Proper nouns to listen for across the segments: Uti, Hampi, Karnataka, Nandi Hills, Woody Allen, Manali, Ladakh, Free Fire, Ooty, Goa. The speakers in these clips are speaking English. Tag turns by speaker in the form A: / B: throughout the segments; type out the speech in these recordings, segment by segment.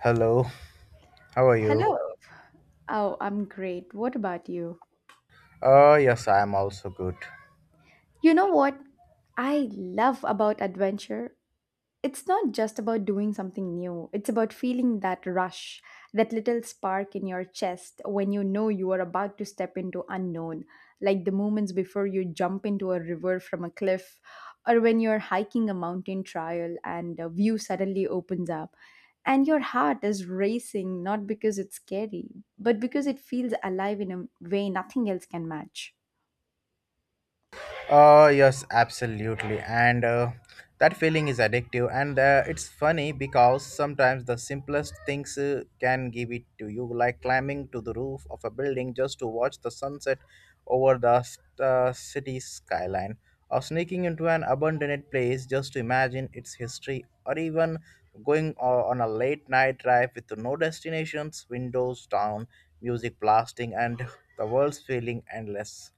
A: Hello, how are you?
B: Hello. Oh, I'm great. What about you?
A: Yes, I am also good.
B: You know what I love about adventure? It's not just about doing something new. It's about feeling that rush, that little spark in your chest when you know you are about to step into unknown, like the moments before you jump into a river from a cliff, or when you're hiking a mountain trail and a view suddenly opens up. And your heart is racing not because it's scary, but because it feels alive in a way nothing else can match.
A: Yes, absolutely. And That feeling is addictive. And it's funny because sometimes the simplest things can give it to you, like climbing to the roof of a building just to watch the sunset over the city skyline, or sneaking into an abandoned place just to imagine its history, or even going on a late night drive with no destinations, windows down, music blasting, and the world's feeling endless.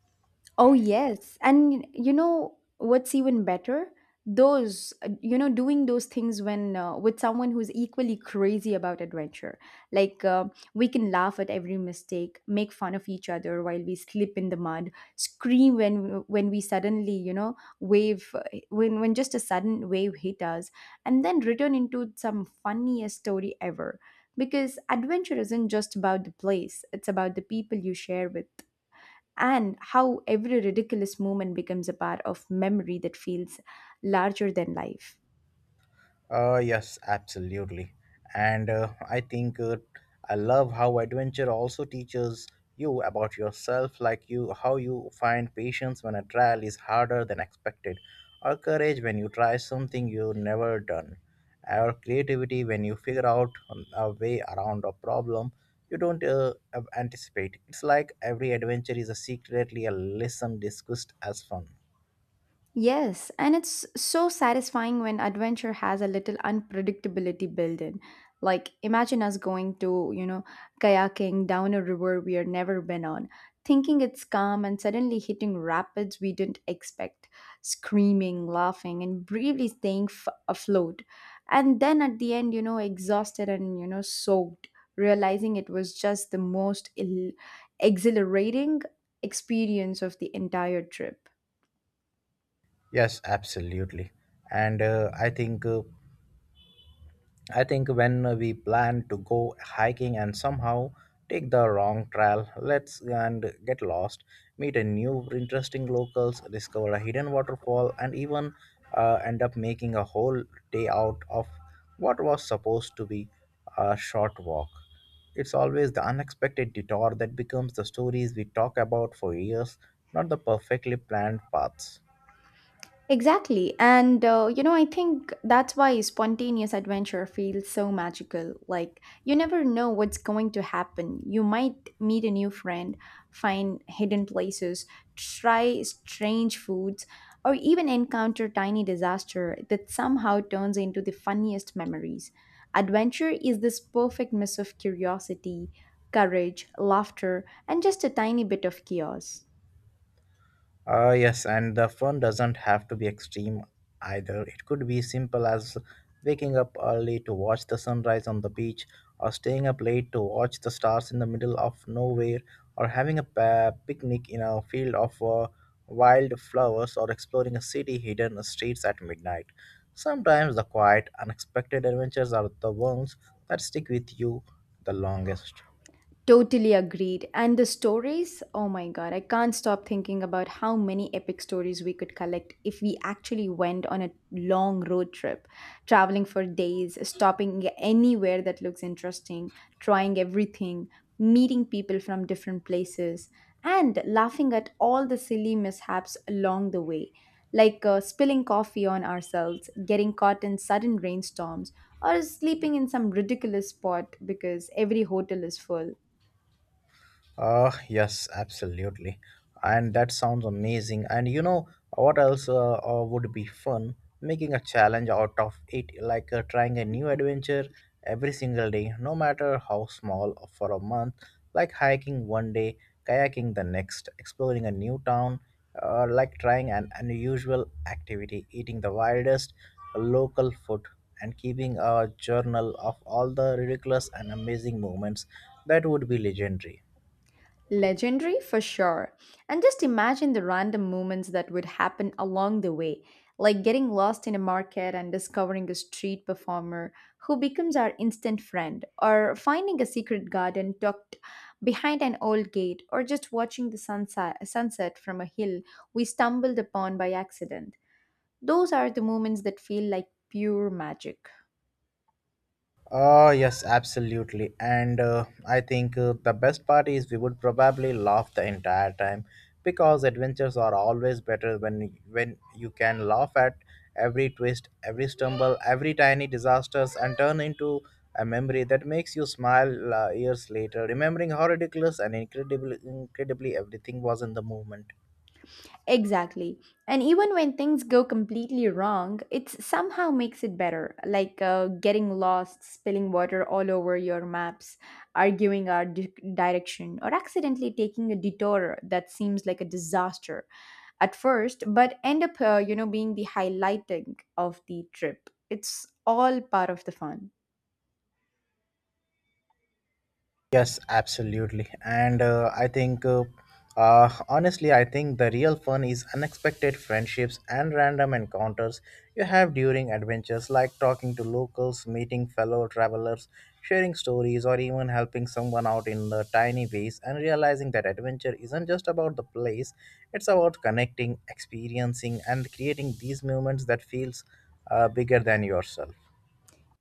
B: Oh, yes. And you know what's even better? Doing those things when with someone who's equally crazy about adventure. Like, uh, we can laugh at every mistake, make fun of each other while we slip in the mud, scream when we suddenly, you know, wave when just a sudden wave hit us, and then return into some funniest story ever. Because adventure isn't just about the place; it's about the people you share with, and how every ridiculous moment becomes a part of memory that feels larger than life.
A: Yes, absolutely. And I love how adventure also teaches you about yourself, like you how you find patience when a trial is harder than expected, or courage when you try something you've never done, or creativity when you figure out a way around a problem you don't anticipate. It's like every adventure is a secretly a lesson discussed as fun.
B: Yes, and it's so satisfying when adventure has a little unpredictability built in. Like, imagine us going to, you know, kayaking down a river we have never been on, thinking it's calm and suddenly hitting rapids we didn't expect, screaming, laughing, and briefly afloat. And then at the end, you know, exhausted and, you know, soaked, realizing it was just the exhilarating experience of the entire trip.
A: Yes, absolutely. And I think when we plan to go hiking and somehow take the wrong trail, let's and get lost, meet a new interesting locals, discover a hidden waterfall, and even end up making a whole day out of what was supposed to be a short walk. It's always the unexpected detour that becomes the stories we talk about for years, not the perfectly planned paths.
B: Exactly. And you know, I think that's why spontaneous adventure feels so magical. Like, you never know what's going to happen. You might meet a new friend, find hidden places, try strange foods, or even encounter tiny disaster that somehow turns into the funniest memories. Adventure is this perfect mix of curiosity, courage, laughter, and just a tiny bit of chaos.
A: Yes, and the fun doesn't have to be extreme either. It could be simple as waking up early to watch the sunrise on the beach, or staying up late to watch the stars in the middle of nowhere, or having a picnic in a field of wild flowers, or exploring a city hidden streets at midnight. Sometimes the quiet, unexpected adventures are the ones that stick with you the longest.
B: Totally agreed. And the stories, oh my god, I can't stop thinking about how many epic stories we could collect if we actually went on a long road trip, traveling for days, stopping anywhere that looks interesting, trying everything, meeting people from different places, and laughing at all the silly mishaps along the way, like spilling coffee on ourselves, getting caught in sudden rainstorms, or sleeping in some ridiculous spot because every hotel is full.
A: Yes, absolutely. And that sounds amazing. And you know what else would be fun? Making a challenge out of it, like trying a new adventure every single day, no matter how small, for a month, like hiking one day, kayaking the next, exploring a new town, like trying an unusual activity, eating the wildest local food, and keeping a journal of all the ridiculous and amazing moments. That would be legendary.
B: Legendary for sure. And just imagine the random moments that would happen along the way, like getting lost in a market and discovering a street performer who becomes our instant friend, or finding a secret garden tucked behind an old gate, or just watching the sunset from a hill we stumbled upon by accident. Those are the moments that feel like pure magic.
A: Oh, yes, absolutely. And I think the best part is we would probably laugh the entire time because adventures are always better when you can laugh at every twist, every stumble, every tiny disasters and turn into a memory that makes you smile years later, remembering how ridiculous and incredible incredibly everything was in the moment.
B: Exactly. And even when things go completely wrong, it somehow makes it better, like getting lost, spilling water all over your maps, direction, or accidentally taking a detour that seems like a disaster at first, but end up, you know, being the highlighting of the trip. It's all part of the fun.
A: Yes, absolutely. And honestly, I think the real fun is unexpected friendships and random encounters you have during adventures, like talking to locals, meeting fellow travelers, sharing stories, or even helping someone out in the tiny ways, and realizing that adventure isn't just about the place, it's about connecting, experiencing, and creating these moments that feels bigger than yourself.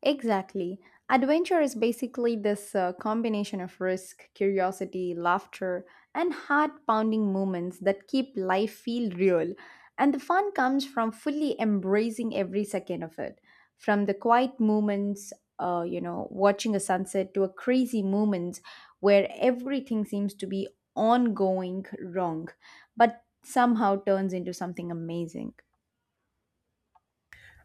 B: Exactly. Adventure is basically this combination of risk, curiosity, laughter, and heart pounding moments that keep life feel real. And the fun comes from fully embracing every second of it. From the quiet moments, you know, watching a sunset to a crazy moment where everything seems to be ongoing wrong, but somehow turns into something amazing.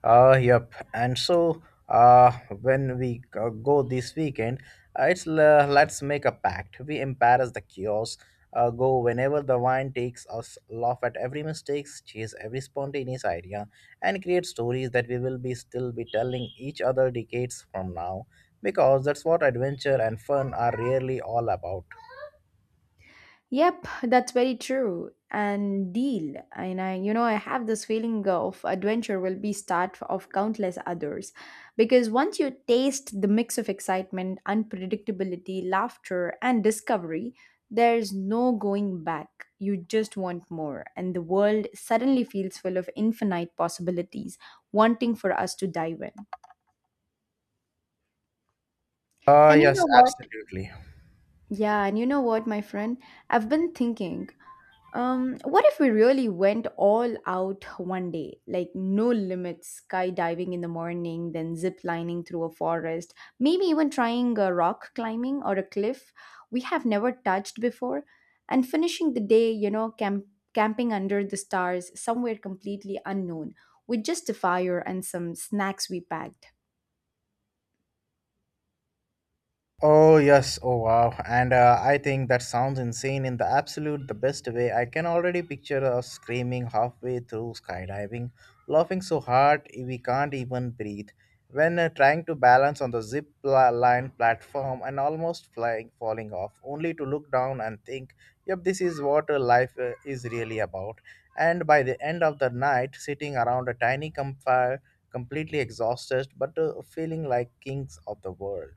A: Yep. And so, uh, when we go this weekend, let's make a pact. We embarrass the kiosk. Go whenever the wine takes us. Laugh at every mistakes, chase every spontaneous idea, and create stories that we will be still be telling each other decades from now. Because that's what adventure and fun are really all about.
B: Yep, that's very true. And deal. You know, I have this feeling of adventure will be start of countless others, because once you taste the mix of excitement, unpredictability, laughter, and discovery, there's no going back. You just want more, and the world suddenly feels full of infinite possibilities, wanting for us to dive in. And you
A: Yes,
B: know what?
A: absolutely.
B: Yeah, and you know what, my friend? I've been thinking. What if we really went all out one day? Like, no limits, skydiving in the morning, then zip lining through a forest, maybe even trying a rock climbing or a cliff we have never touched before, and finishing the day, you know, camping under the stars somewhere completely unknown with just a fire and some snacks we packed.
A: Oh yes, oh wow. And I think that sounds insane in the absolute the best way. I can already picture us screaming halfway through skydiving, laughing so hard we can't even breathe, when trying to balance on the line platform and almost flying falling off, only to look down and think, "Yep, this is what life is really about." And by the end of the night, sitting around a tiny campfire, completely exhausted but feeling like kings of the world.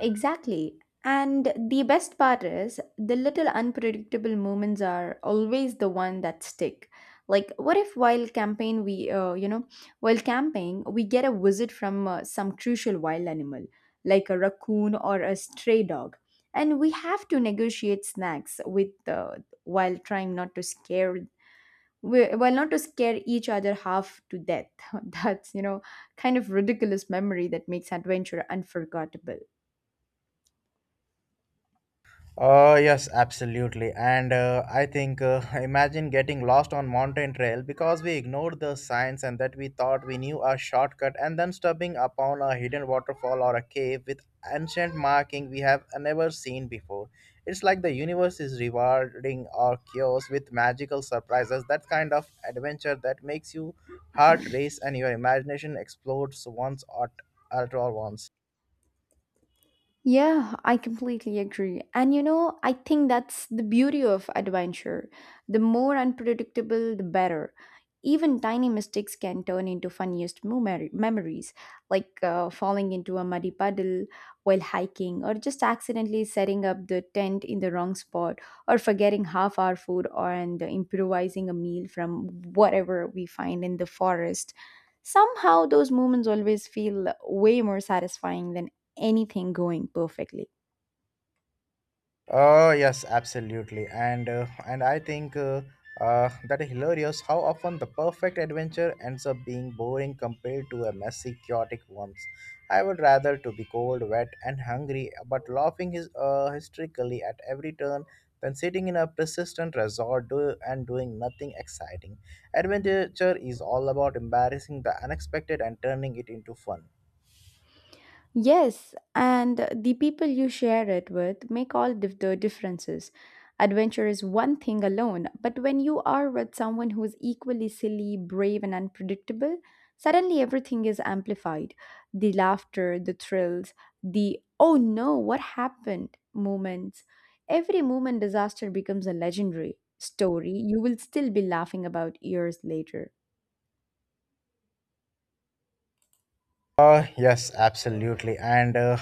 B: Exactly. And the best part is the little unpredictable moments are always the one that stick. Like what if while campaign we you know while camping we get a visit from some crucial wild animal like a raccoon or a stray dog, and we have to negotiate snacks with while trying not to scare while not to scare each other half to death. That's kind of ridiculous memory that makes adventure unforgettable.
A: Yes, absolutely. And I think imagine getting lost on mountain trail because we ignored the signs and that we thought we knew a shortcut and then stumbling upon a hidden waterfall or a cave with ancient marking we have never seen before. It's like the universe is rewarding our chaos with magical surprises, that kind of adventure that makes you heart race and your imagination explodes once at all once.
B: Yeah, I completely agree. And you know, I think that's the beauty of adventure. The more unpredictable, the better. Even tiny mistakes can turn into memories, like falling into a muddy puddle while hiking, or just accidentally setting up the tent in the wrong spot, or forgetting half our food, or and improvising a meal from whatever we find in the forest. Somehow, those moments always feel way more satisfying than anything going perfectly.
A: Yes, absolutely, and I think that is hilarious how often the perfect adventure ends up being boring compared to a messy, chaotic ones. I would rather to be cold, wet, and hungry, but laughing is hysterically at every turn than sitting in a persistent resort and doing nothing exciting. Adventure is all about embarrassing the unexpected and turning it into fun.
B: Yes, and the people you share it with make the differences. Adventure is one thing alone, but when you are with someone who is equally silly, brave, and unpredictable, suddenly everything is amplified. The laughter, the thrills, the oh no, what happened moments. Every moment disaster becomes a legendary story you will still be laughing about years later.
A: Yes, absolutely,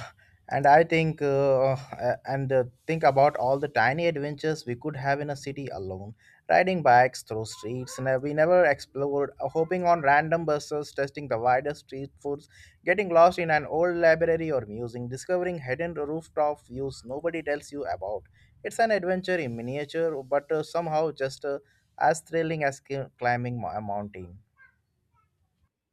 A: and I think and think about all the tiny adventures we could have in a city alone, riding bikes through streets, and we never explored, hopping on random buses, testing the widest street foods, getting lost in an old library or museum, discovering hidden rooftop views nobody tells you about. It's an adventure in miniature, but somehow just as thrilling as climbing a mountain.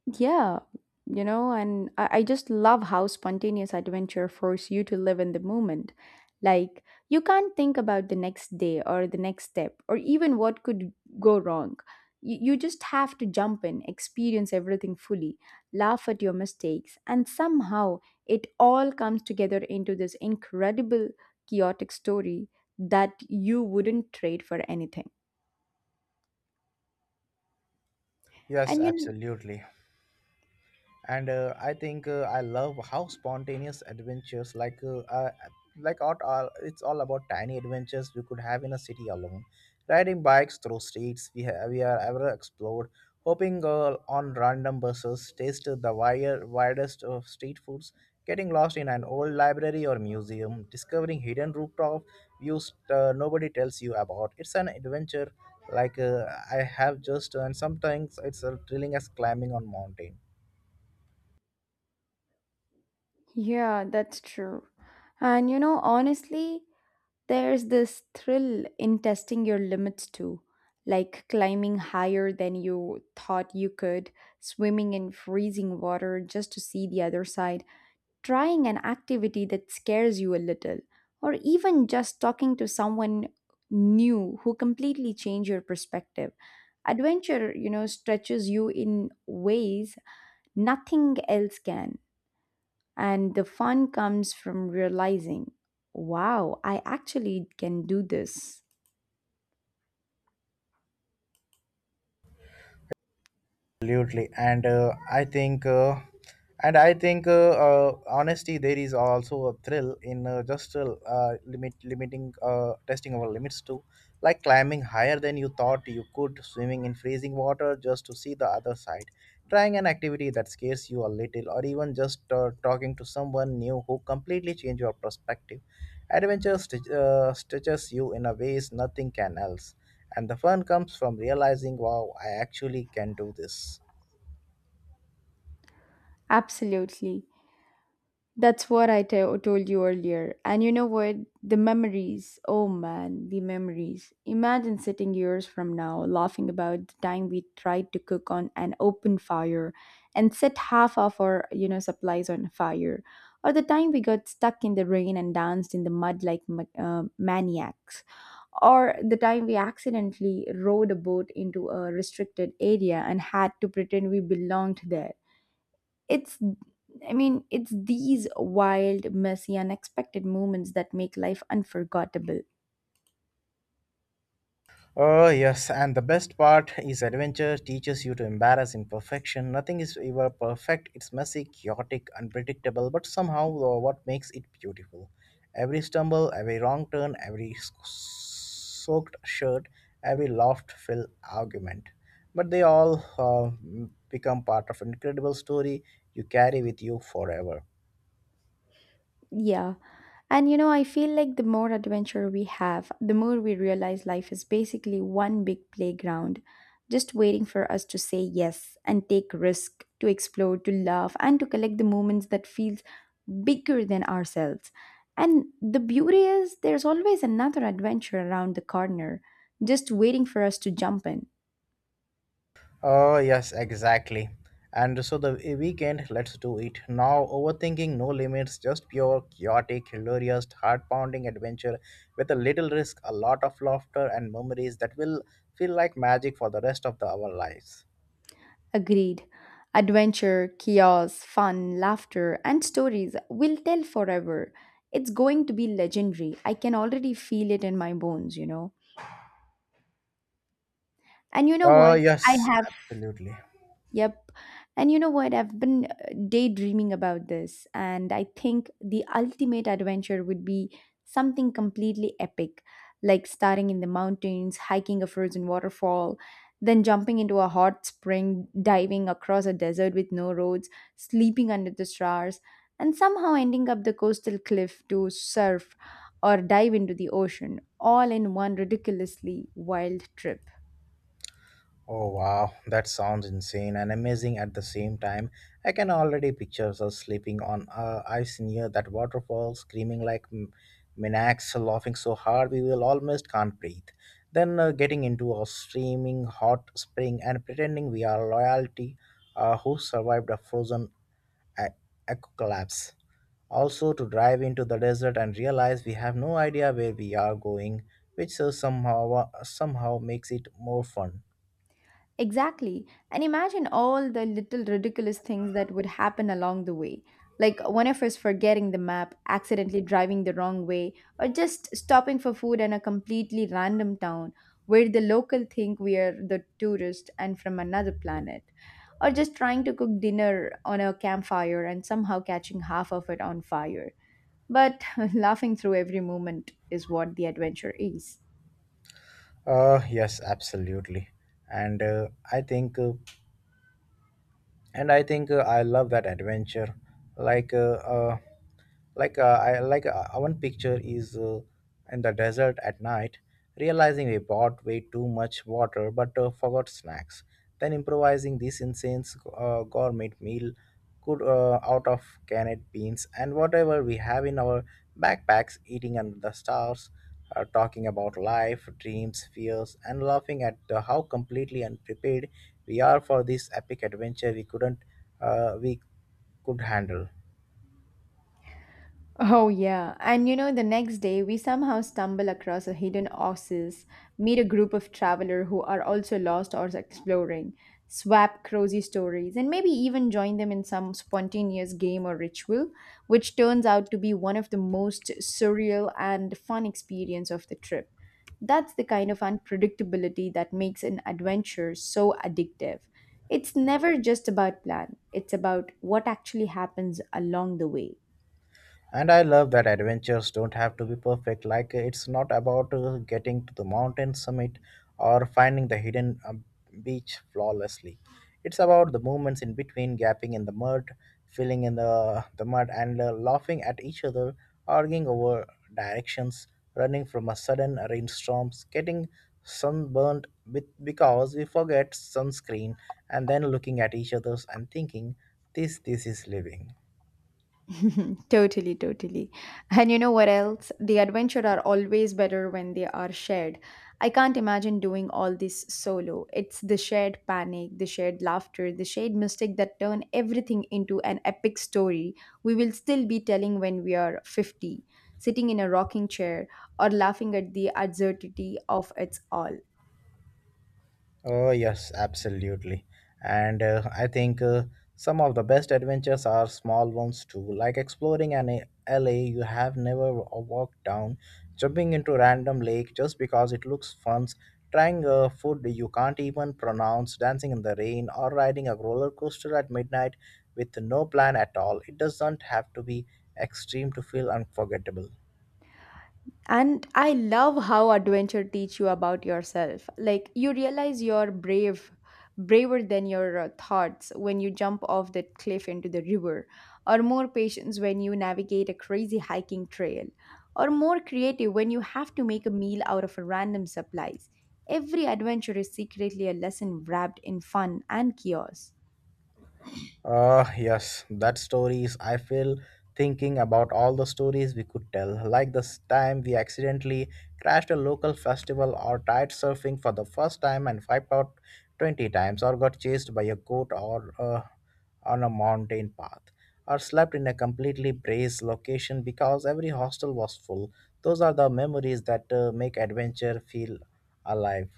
B: Yeah, you know, and I just love how spontaneous adventure force you to live in the moment. Like, you can't think about the next day or the next step or even what could go wrong. You just have to jump in, experience everything fully, laugh at your mistakes, and somehow it all comes together into this incredible, chaotic story that you wouldn't trade for anything.
A: Yes,
B: And you, kn-
A: absolutely. And I love how spontaneous adventures like art are it's all about tiny adventures we could have in a city alone riding bikes through streets we are ever explored hopping on random buses taste widest of street foods getting lost in an old library or museum discovering hidden rooftop views nobody tells you about it's an adventure like I have just and sometimes it's as thrilling as climbing on mountain.
B: yeah, that's true. And you know, honestly, there's this thrill in testing your limits too, like climbing higher than you thought you could, swimming in freezing water just to see the other side, trying an activity that scares you a little, or even just talking to someone new who completely changed your perspective. Adventure, you know, stretches you in ways nothing else can. And the fun comes from realizing, wow, I actually can do this.
A: Absolutely, and I think, and I think, honesty there is also a thrill in just limit limiting testing our limits too, like climbing higher than you thought you could, swimming in freezing water just to see the other side, trying an activity that scares you a little, or even just talking to someone new who completely change your perspective. Stitches you in a ways nothing can else, and the fun comes from realizing, wow, I actually can do this.
B: Absolutely. That's what I told you earlier. And you know what? The memories. Oh man, the memories. Imagine sitting years from now laughing about the time we tried to cook on an open fire and set half of our, you know, supplies on fire. Or the time we got stuck in the rain and danced in the mud like maniacs, or the time we accidentally rowed a boat into a restricted area and had to pretend we belonged there. It's, it's these wild, messy, unexpected moments that make life unforgettable.
A: Oh, yes, and the best part is adventure teaches you to embarrass imperfection. Nothing is ever perfect, it's messy, chaotic, unpredictable, but somehow what makes it beautiful. Every stumble, every wrong turn, every soaked shirt, every laughed filled argument. But they all become part of an incredible story you carry with you forever.
B: Yeah. And you know, I feel like the more adventure we have, the more we realize life is basically one big playground, just waiting for us to say yes and take risk, to explore, to love, and to collect the moments that feel bigger than ourselves. And the beauty is, there's always another adventure around the corner, just waiting for us to jump in.
A: Oh, yes, exactly. And so the weekend, let's do it. Now, overthinking, no limits, just pure, chaotic, hilarious, heart pounding adventure with a little risk, a lot of laughter, and memories that will feel like magic for the rest of our lives.
B: Agreed. Adventure, chaos, fun, laughter, and stories will tell forever. It's going to be legendary. I can already feel it in my bones, you know. And you know
A: Oh,
B: what? I
A: yes,
B: have.
A: absolutely.
B: Yep. And you know what? I've been daydreaming about this, and I think the ultimate adventure would be something completely epic, like starting in the mountains, hiking a frozen waterfall, then jumping into a hot spring, diving across a desert with no roads, sleeping under the stars, and somehow ending up the coastal cliff to surf or dive into the ocean, all in one ridiculously wild trip.
A: Oh wow, that sounds insane and amazing at the same time. I can already picture us sleeping on ice near that waterfall, screaming like maniacs, laughing so hard we will almost can't breathe. Then getting into a steaming hot spring and pretending we are royalty who survived a frozen a- eco collapse. Also to drive into the desert and realize we have no idea where we are going, which somehow makes it more fun.
B: Exactly. And imagine all the little ridiculous things that would happen along the way. Like one of us forgetting the map, accidentally driving the wrong way, or just stopping for food in a completely random town where the local think we are the tourist and from another planet. Or just trying to cook dinner on a campfire and somehow catching half of it on fire. But laughing through every moment is what the adventure is.
A: Yes, absolutely. And I think, and I think I love that adventure. Like, uh, uh, like I like one picture is in the desert at night realizing we bought way too much water but forgot snacks then improvising this insane gourmet meal could out of canned beans and whatever we have in our backpacks eating under the stars talking about life dreams fears and laughing at how completely unprepared we are for this epic adventure we couldn't we could handle.
B: Oh, yeah. And you know, the next day we somehow stumble across a hidden oasis, meet a group of travelers who are also lost or exploring, swap crazy stories, and maybe even join them in some spontaneous game or ritual, which turns out to be one of the most surreal and fun experience of the trip. That's the kind of unpredictability that makes an adventure so addictive. It's never just about plan, it's about what actually happens along the way.
A: And I love that adventures don't have to be perfect. Like, it's not about getting to the mountain summit or finding the hidden beach flawlessly. It's about the moments in between, gapping in the mud, filling in the mud, and laughing at each other, arguing over directions, running from a sudden rainstorm, getting sunburned with, because we forget sunscreen, and then looking at each other and thinking, this is living.
B: Totally, totally. And you know what else? The adventure are always better when they are shared. I can't imagine doing all this solo. It's the shared panic, the shared laughter, the shared mistake that turn everything into an epic story we will still be telling when we are 50, sitting in a rocking chair or laughing at the absurdity of it all.
A: Oh, yes, absolutely. And I think some of the best adventures are small ones too, like exploring an alley you have never walked down, jumping into random lake just because it looks fun, trying a food you can't even pronounce, dancing in the rain, or riding a roller coaster at midnight with no plan at all. It doesn't have to be extreme to feel unforgettable.
B: And I love how adventure teach you about yourself. Like you realize you're brave, braver than your thoughts when you jump off that cliff into the river, or more patience when you navigate a crazy hiking trail, or more creative when you have to make a meal out of a random supplies. Every adventure is secretly a lesson wrapped in fun and chaos.
A: Yes, that stories. I feel thinking about all the stories we could tell, like this time we accidentally crashed a local festival, or tried surfing for the first time and wiped out 20 times, or got chased by a goat or on a mountain path, or slept in a completely braced location because every hostel was full. Those are the memories that make adventure feel alive.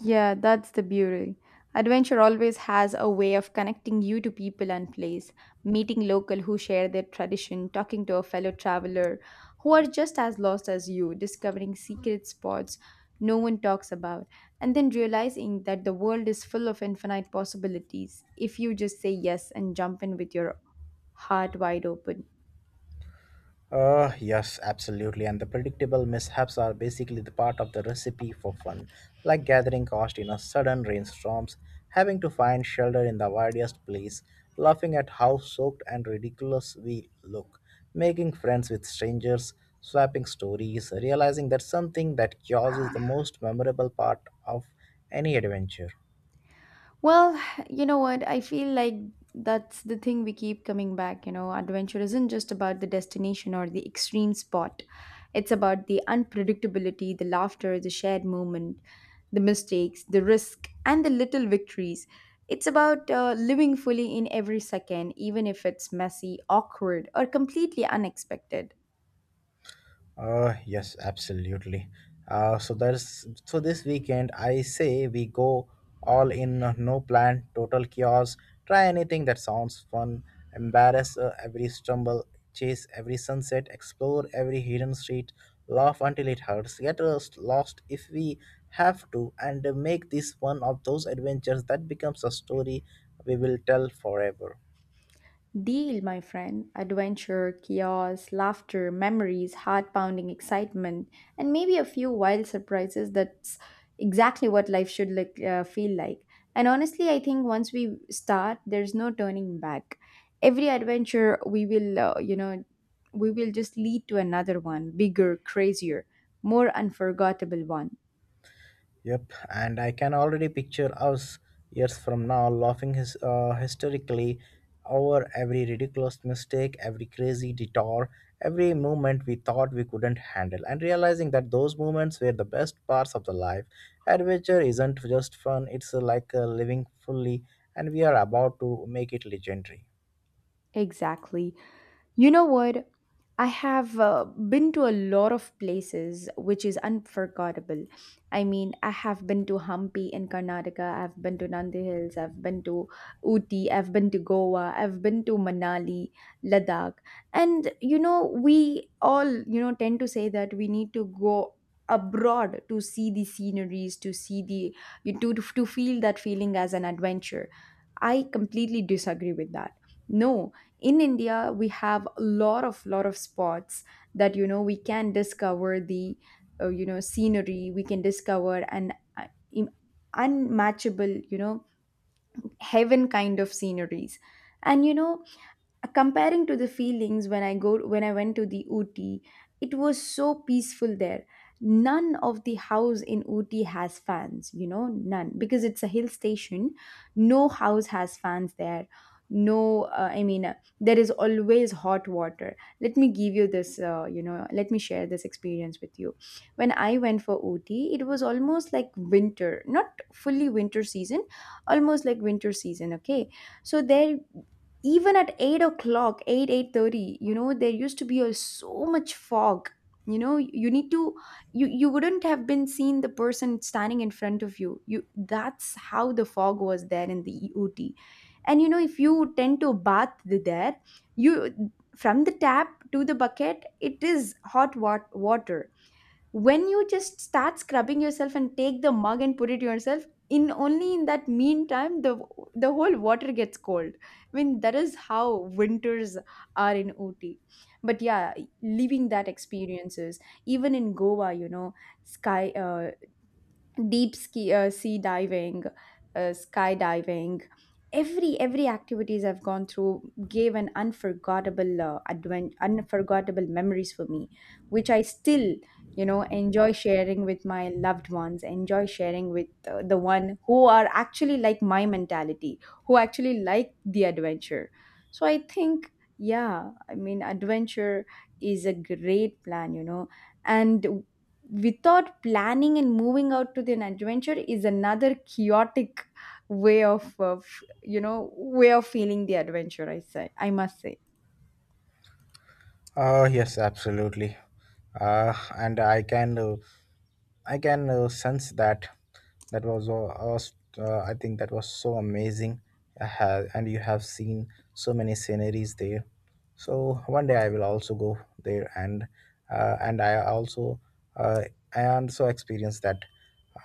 B: Yeah, that's the beauty. Adventure always has a way of connecting you to people and place, meeting local who share their tradition, talking to a fellow traveler who are just as lost as you, discovering secret spots no one talks about, and then realizing that the world is full of infinite possibilities if you just say yes and jump in with your heart wide open.
A: Yes, absolutely. And the predictable mishaps are basically the part of the recipe for fun, like gathering cost in a sudden rainstorms, having to find shelter in the widest place, laughing at how soaked and ridiculous we look, making friends with strangers, swapping stories, realizing that something that chaos is the most memorable part of any adventure.
B: Well, you know what? I feel like that's the thing we keep coming back. You know, adventure isn't just about the destination or the extreme spot, it's about the unpredictability, the laughter, the shared moment, the mistakes, the risk, and the little victories. It's about living fully in every second, even if it's messy, awkward, or completely unexpected.
A: Yes, absolutely. So this weekend I say we go all in, no plan, total chaos. Try anything that sounds fun. Embarrass every stumble, chase every sunset, explore every hidden street, laugh until it hurts, get us lost if we have to, and make this one of those adventures that becomes a story we will tell forever.
B: Deal, my friend. Adventure, chaos, laughter, memories, heart pounding excitement, and maybe a few wild surprises. That's exactly what life should feel like. And honestly, I think once we start, there's no turning back. Every adventure we we will just lead to another one, bigger, crazier, more unforgettable one.
A: Yep, and I can already picture us years from now laughing hysterically over every ridiculous mistake, every crazy detour, every moment we thought we couldn't handle, and realizing that those moments were the best parts of the life. Adventure isn't just fun, it's like living fully, and we are about to make it legendary.
B: Exactly. You know what? I have been to a lot of places, which is unforgettable. I mean, I have been to Hampi in Karnataka, I've been to Nandi Hills, I've been to Uti, I've been to Goa, I've been to Manali, Ladakh. And, you know, we all, you know, tend to say that we need to go abroad to see the sceneries, to see the, you to feel that feeling as an adventure. I completely disagree with that. No, in india we have a lot of spots that you know we can discover the you know scenery we can discover an im- unmatchable, you know, heaven kind of sceneries. And, you know, comparing to the feelings when i went to the ooty, it was so peaceful there. None of the house in ooty has fans, you know, none, because it's a hill station. No house has fans there. No I mean there is always hot water. Let me give you this, let me share this experience with you. When I went for ooty, it was almost like winter, not fully winter season, almost like winter season. Okay, so there, even at 8 o'clock, 8 8:30, you know, there used to be so much fog. You know, you need to you wouldn't have been seen the person standing in front of you. That's how the fog was there in the eot. And, you know, if you tend to bath there, you from the tap to the bucket, it is water. When you just start scrubbing yourself and take the mug and put it yourself in, only in that meantime, the whole water gets cold. I mean, that is how winters are in ooty. But yeah, living that experiences, even in goa, you know, sky deep ski, sea diving, skydiving. Every activities I've gone through gave an unforgettable memories for me, which I still, you know, enjoy sharing with my loved ones. Enjoy sharing with the one who are actually like my mentality, who actually like the adventure. So I think, yeah, I mean adventure is a great plan, you know, and without planning and moving out to an adventure is another chaotic way of, you know, way of feeling the adventure, I say, I must say.
A: Yes, absolutely. And I can sense that I think that was so amazing. And you have seen so many sceneries there. So one day I will also go there and I also uh, experienced that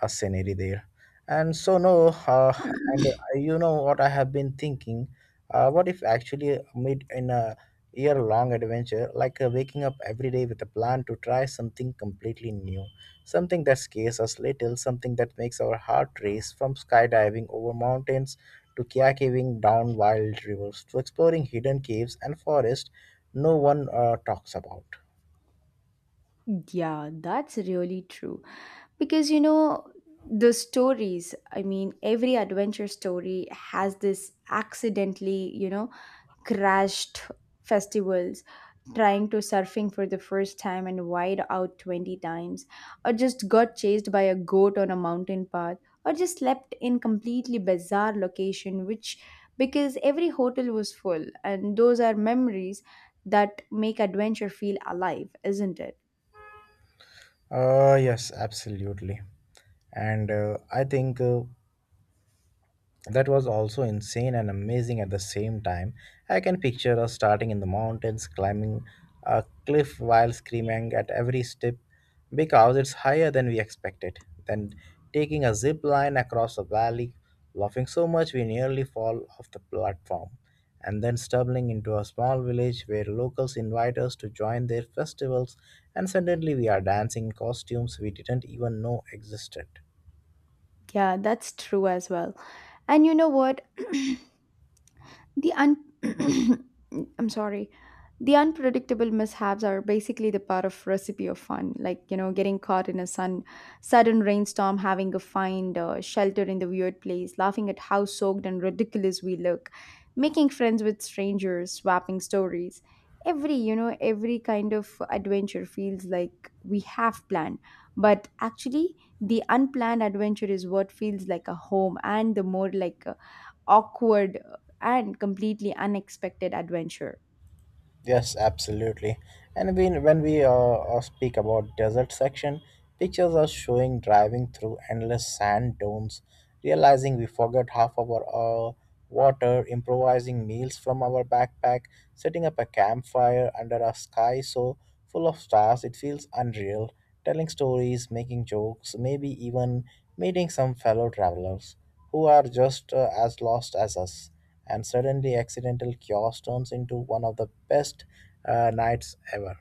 A: scenery there. And so no, and You know what I have been thinking. What if actually mid in a year long adventure, like waking up every day with a plan to try something completely new, something that scares us little, something that makes our heart race from skydiving over mountains to kayaking down wild rivers to exploring hidden caves and forests no one talks about.
B: Yeah, that's really true. Because, you know, the stories, I mean, every adventure story has this accidentally, you know, crashed festivals, trying to surfing for the first time and wide out 20 times, or just got chased by a goat on a mountain path, or just slept in completely bizarre location which, because every hotel was full. And those are memories that make adventure feel alive, isn't it?
A: Yes, absolutely. And I think That was also insane and amazing at the same time. I can picture us starting in the mountains, climbing a cliff while screaming at every step because it's higher than we expected. Then taking a zip line across a valley, laughing so much we nearly fall off the platform. And then stumbling into a small village where locals invite us to join their festivals, and suddenly we are dancing in costumes we didn't even know existed.
B: Yeah, that's true as well. And you know what, The un- I'm sorry. The unpredictable mishaps are basically the part of recipe of fun, like, you know, getting caught in a sun sudden rainstorm, having a find shelter in the weird place, laughing at how soaked and ridiculous we look, making friends with strangers, swapping stories. Every, you know, every kind of adventure feels like we have planned, but actually, the unplanned adventure is what feels like a home, and the more like awkward, and completely unexpected adventure.
A: Yes, absolutely. When we speak about desert section, pictures are showing driving through endless sand dunes, realizing we forgot half of our water, improvising meals from our backpack, setting up a campfire under a sky so full of stars it feels unreal telling stories, making jokes, maybe even meeting some fellow travelers who are just as lost as us. And suddenly, accidental chaos turns into one of the best nights ever.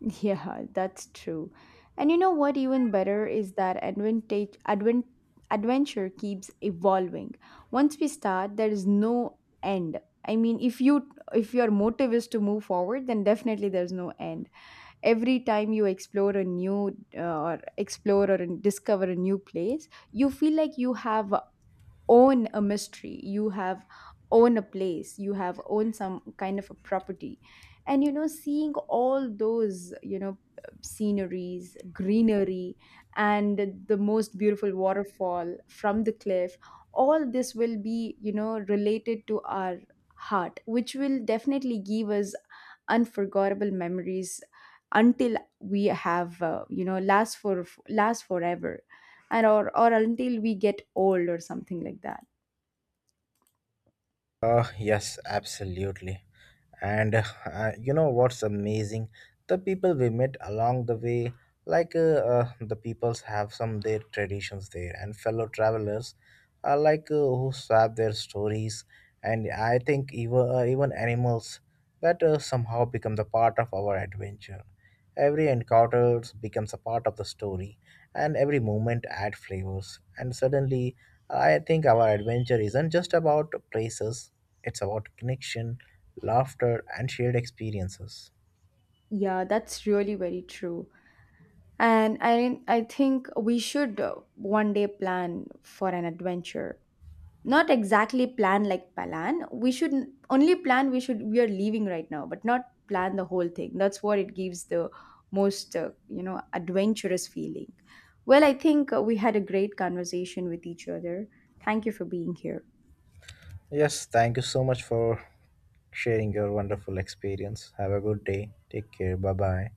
B: Yeah, that's true. And you know what, even better is that adventure keeps evolving. Once we start, there is no end. I mean, if you, if your motive is to move forward, then definitely there's no end. Every time you explore a new, or discover a new place, you feel like you have own a mystery, you have own a place, you have own some kind of a property. And you know, seeing all those, you know, sceneries, greenery, and the most beautiful waterfall from the cliff, all this will be, you know, related to our heart, which will definitely give us unforgettable memories until we have last forever, and or until we get old or something like that.
A: Yes, absolutely. And you know what's amazing? The people we met along the way, like uh, the peoples have some their traditions there, and fellow travelers are like who swap their stories, and I think even animals that somehow become the part of our adventure. Every encounter becomes a part of the story, and every moment adds flavors. And suddenly, I think our adventure isn't just about places, it's about connection, laughter, and shared experiences.
B: Yeah, that's really very true. And I think we should, one day, plan for an adventure. Not exactly plan like Palan. We should only plan, we should, we are leaving right now, but not plan the whole thing. That's what it gives the most adventurous feeling. Well, I think we had a great conversation with each other. Thank you for being here.
A: Yes, thank you so much for sharing your wonderful experience. Have a good day. Take care. Bye bye.